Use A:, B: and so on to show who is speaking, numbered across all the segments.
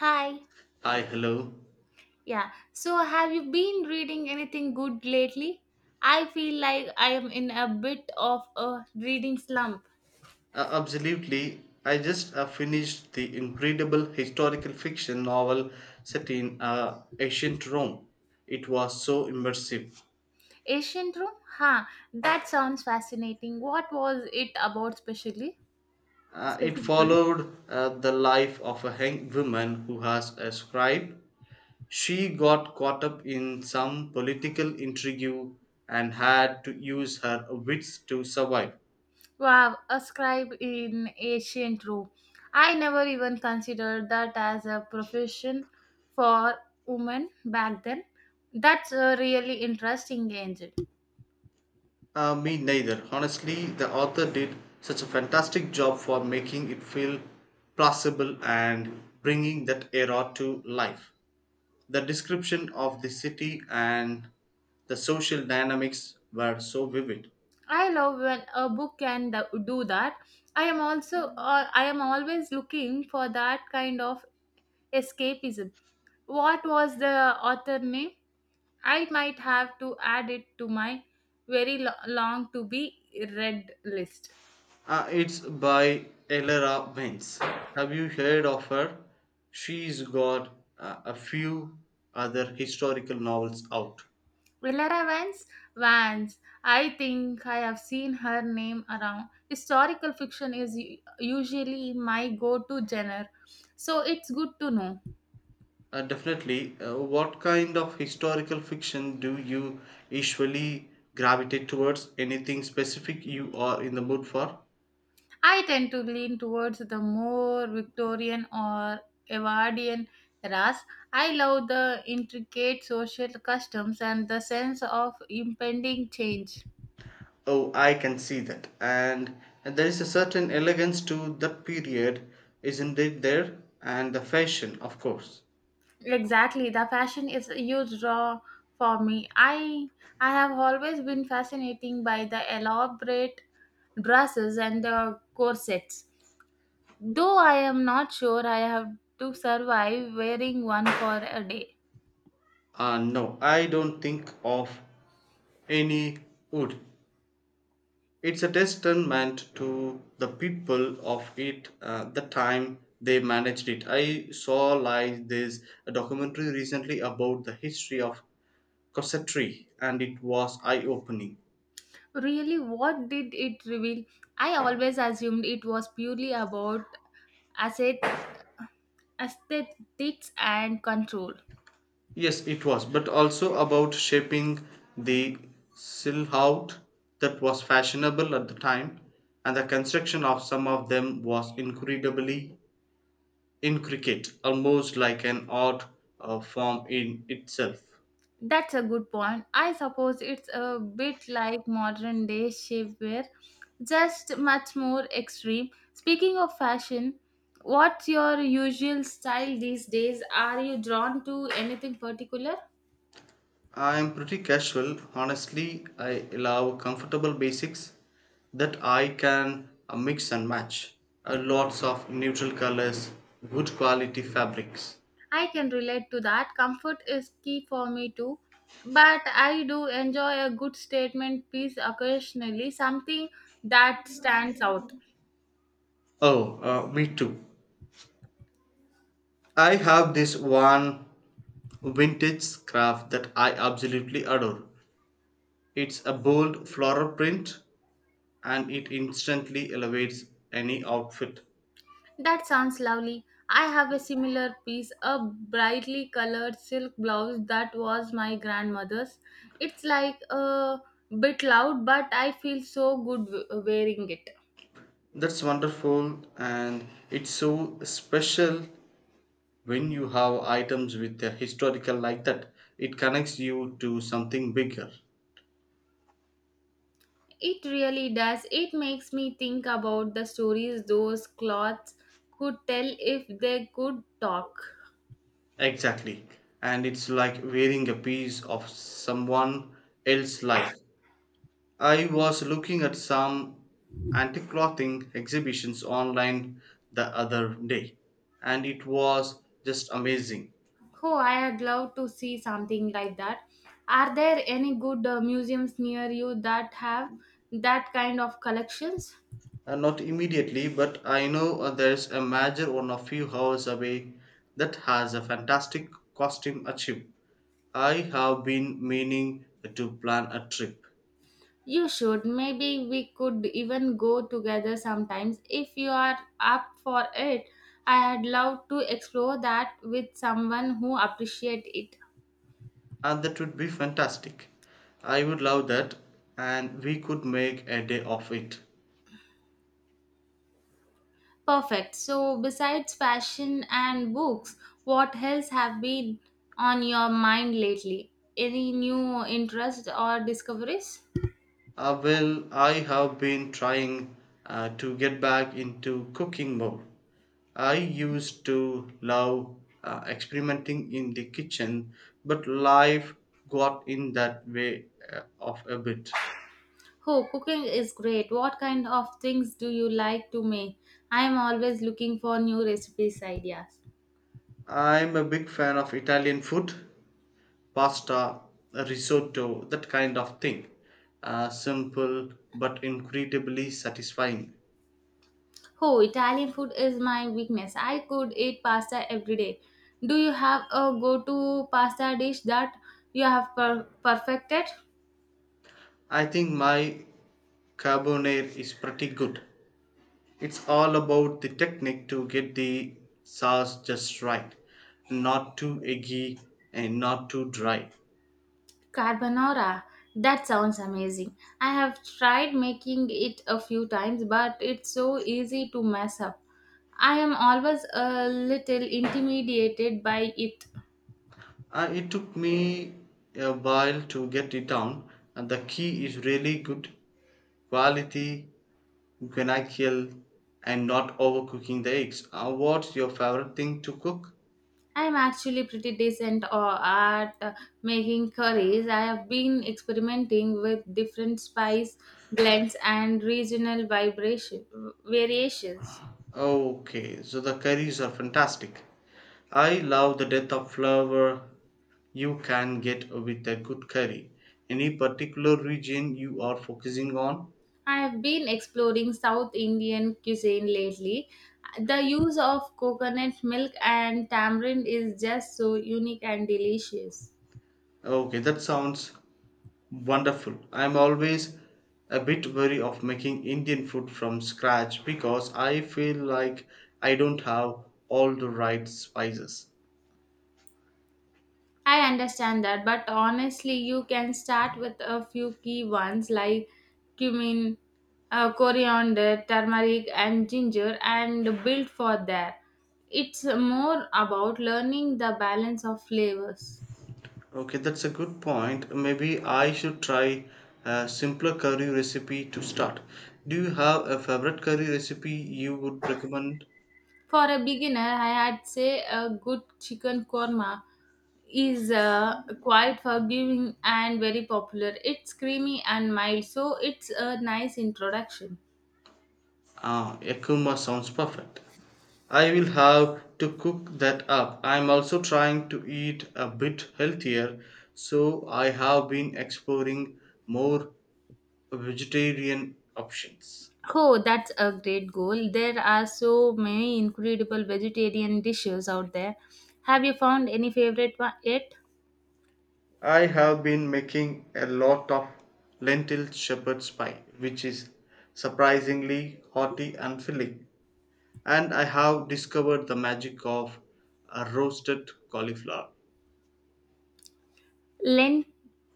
A: Hi.
B: Hi, hello.
A: Yeah. So, have you been reading anything good lately? I feel like I am in a bit of a reading slump.
B: Absolutely. I just finished the incredible historical fiction novel set in ancient Rome. It was so immersive.
A: Ancient Rome? Huh. That sounds fascinating. What was it about specially?
B: It
A: Specifically?
B: followed the life of a hanged woman who has a scribe. She got caught up in some political intrigue and had to use her wits to survive.
A: Wow, a scribe in ancient Rome. I never even considered that as a profession for women back then. That's a really interesting angle.
B: Me neither. Honestly, the author did such a fantastic job for making it feel plausible and bringing that era to life. The description of the city and the social dynamics were so vivid.
A: I love when a book can do that. I am also I am always looking for that kind of escapism. What was the author name? I might have to add it to my very long to be read list.
B: It's by Elera Benz. Have you heard of her? She's got a few other historical novels out.
A: Villara Vance, Vance. I think I have seen her name around. Historical fiction is usually my go-to genre, so it's good to know.
B: Definitely. What kind of historical fiction do you usually gravitate towards? Anything specific you are in the mood for?
A: I tend to lean towards the more Victorian or Edwardian eras. I love the intricate social customs and the sense of impending change.
B: Oh, I can see that. And there is a certain elegance to that period, isn't it there? And the fashion, of course.
A: Exactly, the fashion is a huge draw for me. I have always been fascinating by the elaborate dresses and the corsets. Though I am not sure I have to survive wearing one for a day.
B: No, I don't think of any wood. It's a testament to the people of it, the time they managed it. I saw like this a documentary recently about the history of cossetry, and it was eye-opening.
A: Really, what did it reveal? I always assumed it was purely about asset, aesthetics and control.
B: Yes, it was, but also about shaping the silhouette that was fashionable at the time, and the construction of some of them was incredibly intricate, almost like an art form in itself.
A: That's a good point. I suppose it's a bit like modern day shapewear, just much more extreme. Speaking of fashion, what's your usual style these days? Are you drawn to anything particular?
B: I'm pretty casual. Honestly, I love comfortable basics that I can mix and match. Lots of neutral colors, good quality fabrics.
A: I can relate to that. Comfort is key for me too. But I do enjoy a good statement piece occasionally, something that stands out.
B: Oh, me too. I have this one vintage scarf that I absolutely adore. It's a bold floral print and it instantly elevates any outfit.
A: That sounds lovely. I have a similar piece, a brightly colored silk blouse that was my grandmother's. It's like a bit loud, but I feel so good wearing it.
B: That's wonderful, and it's so special when you have items with a historical like that. It connects you to something bigger.
A: It really does. It makes me think about the stories those clothes could tell if they could talk.
B: Exactly, and it's like wearing a piece of someone else's life. I was looking at some antique clothing exhibitions online the other day, and it was just amazing.
A: Oh, I would love to see something like that. Are there any good museums near you that have that kind of collections?
B: Not immediately, but I know there's a major one a few hours away that has a fantastic costume achieve. I have been meaning to plan a trip,
A: You should. Maybe we could even go together sometimes if you are up for it. I'd love to explore that with someone who appreciates it.
B: and that would be fantastic. I would love that, and we could make a day of it.
A: Perfect. So, besides fashion and books, what else have been on your mind lately? Any new interests or discoveries?
B: Well, I have been trying to get back into cooking more. I used to love experimenting in the kitchen, but life got in that way of a bit.
A: Oh, cooking is great. What kind of things do you like to make? I am always looking for new recipes ideas.
B: I'm a big fan of Italian food, pasta, risotto, that kind of thing. Simple but incredibly satisfying.
A: Oh, Italian food is my weakness. I could eat pasta every day. Do you have a go-to pasta dish that you have perfected?
B: I think my carbonara is pretty good. It's all about the technique to get the sauce just right, not too eggy and not too dry.
A: Carbonara. That sounds amazing. I have tried making it a few times, but it's so easy to mess up. I am always a little intimidated by it.
B: It took me a while to get it down, and the key is really good quality Guayaquil and not overcooking the eggs. What's your favorite thing to cook?
A: I'm actually pretty decent at making curries. I have been experimenting with different spice blends and regional vibration variations.
B: Okay, so the curries are fantastic. I love the depth of flavor you can get with a good curry. Any particular region you are focusing on?
A: I have been exploring South Indian cuisine lately. The use of coconut milk and tamarind is just so unique and delicious.
B: Okay, that sounds wonderful. I'm always a bit wary of making Indian food from scratch because I feel like I don't have all the right spices.
A: I understand that, but honestly, you can start with a few key ones like cumin, coriander, turmeric, and ginger, and build for there. It's more about learning the balance of flavors.
B: Okay, that's a good point. Maybe I should try a simpler curry recipe to start. Do you have a favorite curry recipe you would recommend?
A: For a beginner, I would say a good chicken korma is quite forgiving and very popular. It's creamy and mild, so it's a nice introduction.
B: Ah, Yakuma sounds perfect. I will have to cook that up. I'm also trying to eat a bit healthier, so I have been exploring more vegetarian options.
A: Oh, that's a great goal. There are so many incredible vegetarian dishes out there. Have you found any favorite one yet?
B: I have been making a lot of lentil shepherd's pie, which is surprisingly hearty and filling. And I have discovered the magic of a roasted cauliflower.
A: Lent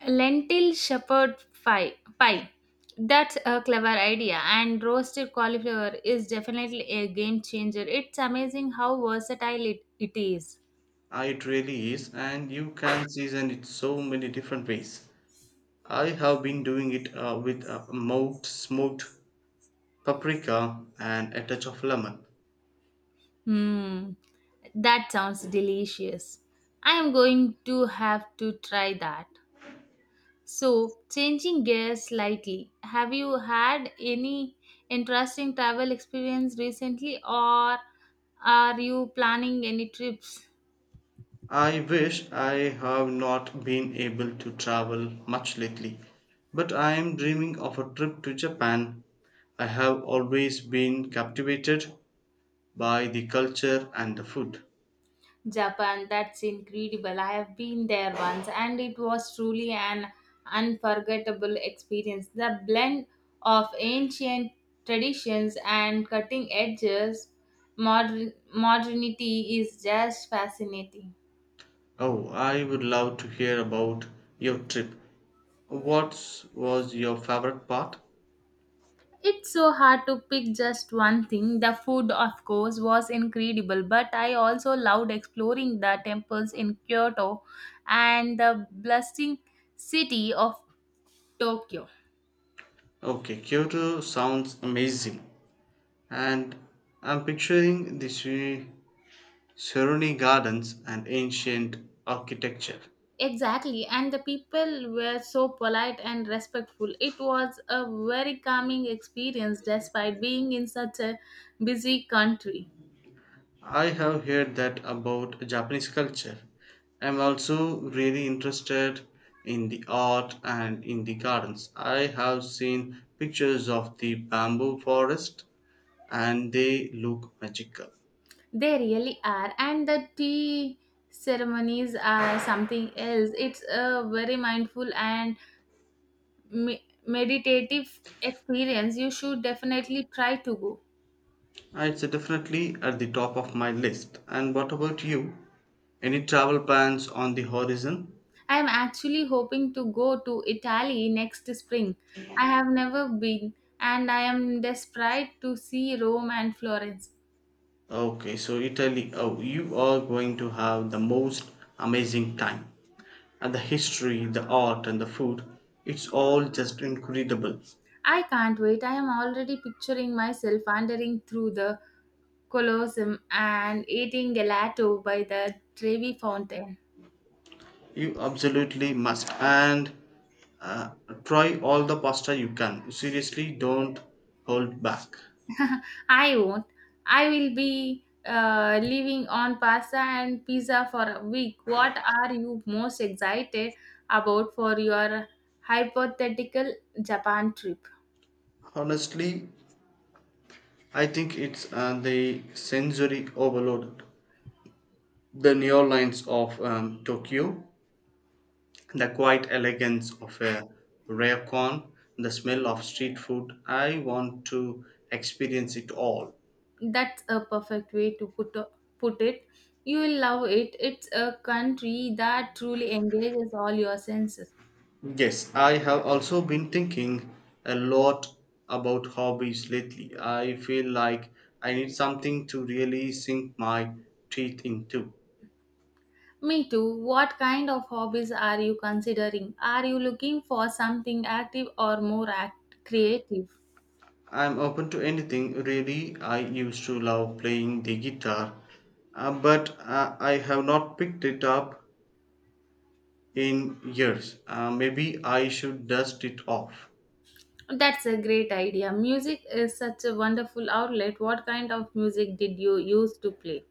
A: lentil shepherd pie. pie. That's a clever idea, and roasted cauliflower is definitely a game changer. It's amazing how versatile it is.
B: It really is, and you can season it so many different ways. I have been doing it with a smoked paprika and a touch of lemon.
A: Hmm, that sounds delicious. I am going to have to try that. So, changing gears slightly, have you had any interesting travel experience recently or are you planning any trips?
B: I wish. I have not been able to travel much lately, but I am dreaming of a trip to Japan. I have always been captivated by the culture and the food.
A: Japan, that's incredible. I have been there once and it was truly an unforgettable experience. The blend of ancient traditions and cutting edges modernity is just fascinating.
B: Oh, I would love to hear about your trip. What was your favorite part?
A: It's so hard to pick just one thing. The food, of course, was incredible, but I also loved exploring the temples in Kyoto and the bustling city of Tokyo.
B: Okay, Kyoto sounds amazing. And I'm picturing the Seruni Gardens and ancient architecture.
A: Exactly, and the people were so polite and respectful. It was a very calming experience despite being in such a busy country.
B: I have heard that about Japanese culture. I'm also really interested in the art and in the gardens. I have seen pictures of the bamboo forest and they look magical.
A: They really are, and the tea ceremonies are something else. It's a very mindful and meditative experience, you should definitely try to go.
B: It's definitely at the top of my list. And what about you? Any travel plans on the horizon?
A: I am actually hoping to go to Italy next spring. I have never been, and I am desperate to see Rome and Florence.
B: Okay, so Italy, oh, you are going to have the most amazing time. And the history, the art, and the food, it's all just incredible.
A: I can't wait. I am already picturing myself wandering through the Colosseum and eating gelato by the Trevi Fountain.
B: You absolutely must. And uh, try all the pasta you can. Seriously, don't hold back.
A: I won't. I will be living on pasta and pizza for a week. What are you most excited about for your hypothetical Japan trip?
B: Honestly, I think it's the sensory overload. The neon lines of Tokyo, the quiet elegance of a ryokan, the smell of street food. I want to experience it all.
A: That's a perfect way to put it. You will love it. It's a country that truly engages all your senses.
B: Yes, I have also been thinking a lot about hobbies lately. I feel like I need something to really sink my teeth into.
A: Me too. What kind of hobbies are you considering? Are you looking for something active or more creative?
B: I'm open to anything really. I used to love playing the guitar, but I have not picked it up in years. Maybe I should dust it off.
A: That's a great idea. Music is such a wonderful outlet. What kind of music did you use to play?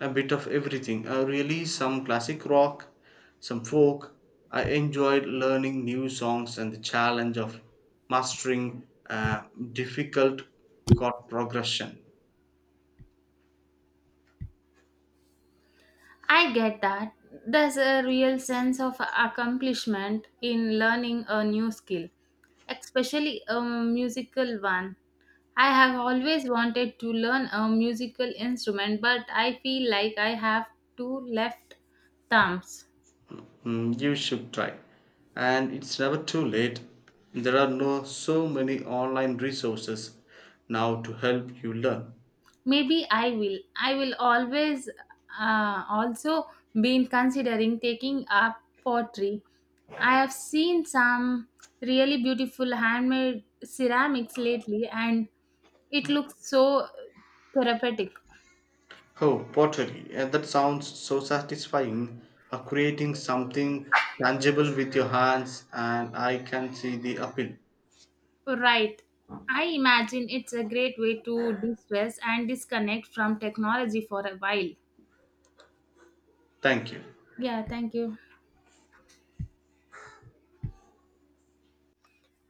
B: A bit of everything. Really, some classic rock, some folk. I enjoyed learning new songs and the challenge of mastering difficult chord progression.
A: I get that. There's a real sense of accomplishment in learning a new skill, especially a musical one. I have always wanted to learn a musical instrument, but I feel like I have two left thumbs.
B: Mm, you should try. And it's never too late. There are no so many online resources now to help you learn.
A: Maybe I will always also been considering taking up pottery. I have seen some really beautiful handmade ceramics lately and it looks so therapeutic.
B: Oh, pottery. And that sounds so satisfying. Creating something tangible with your hands, and I can see the appeal.
A: Right, I imagine it's a great way to de-stress and disconnect from technology for a while.
B: Thank you.
A: Yeah, thank you.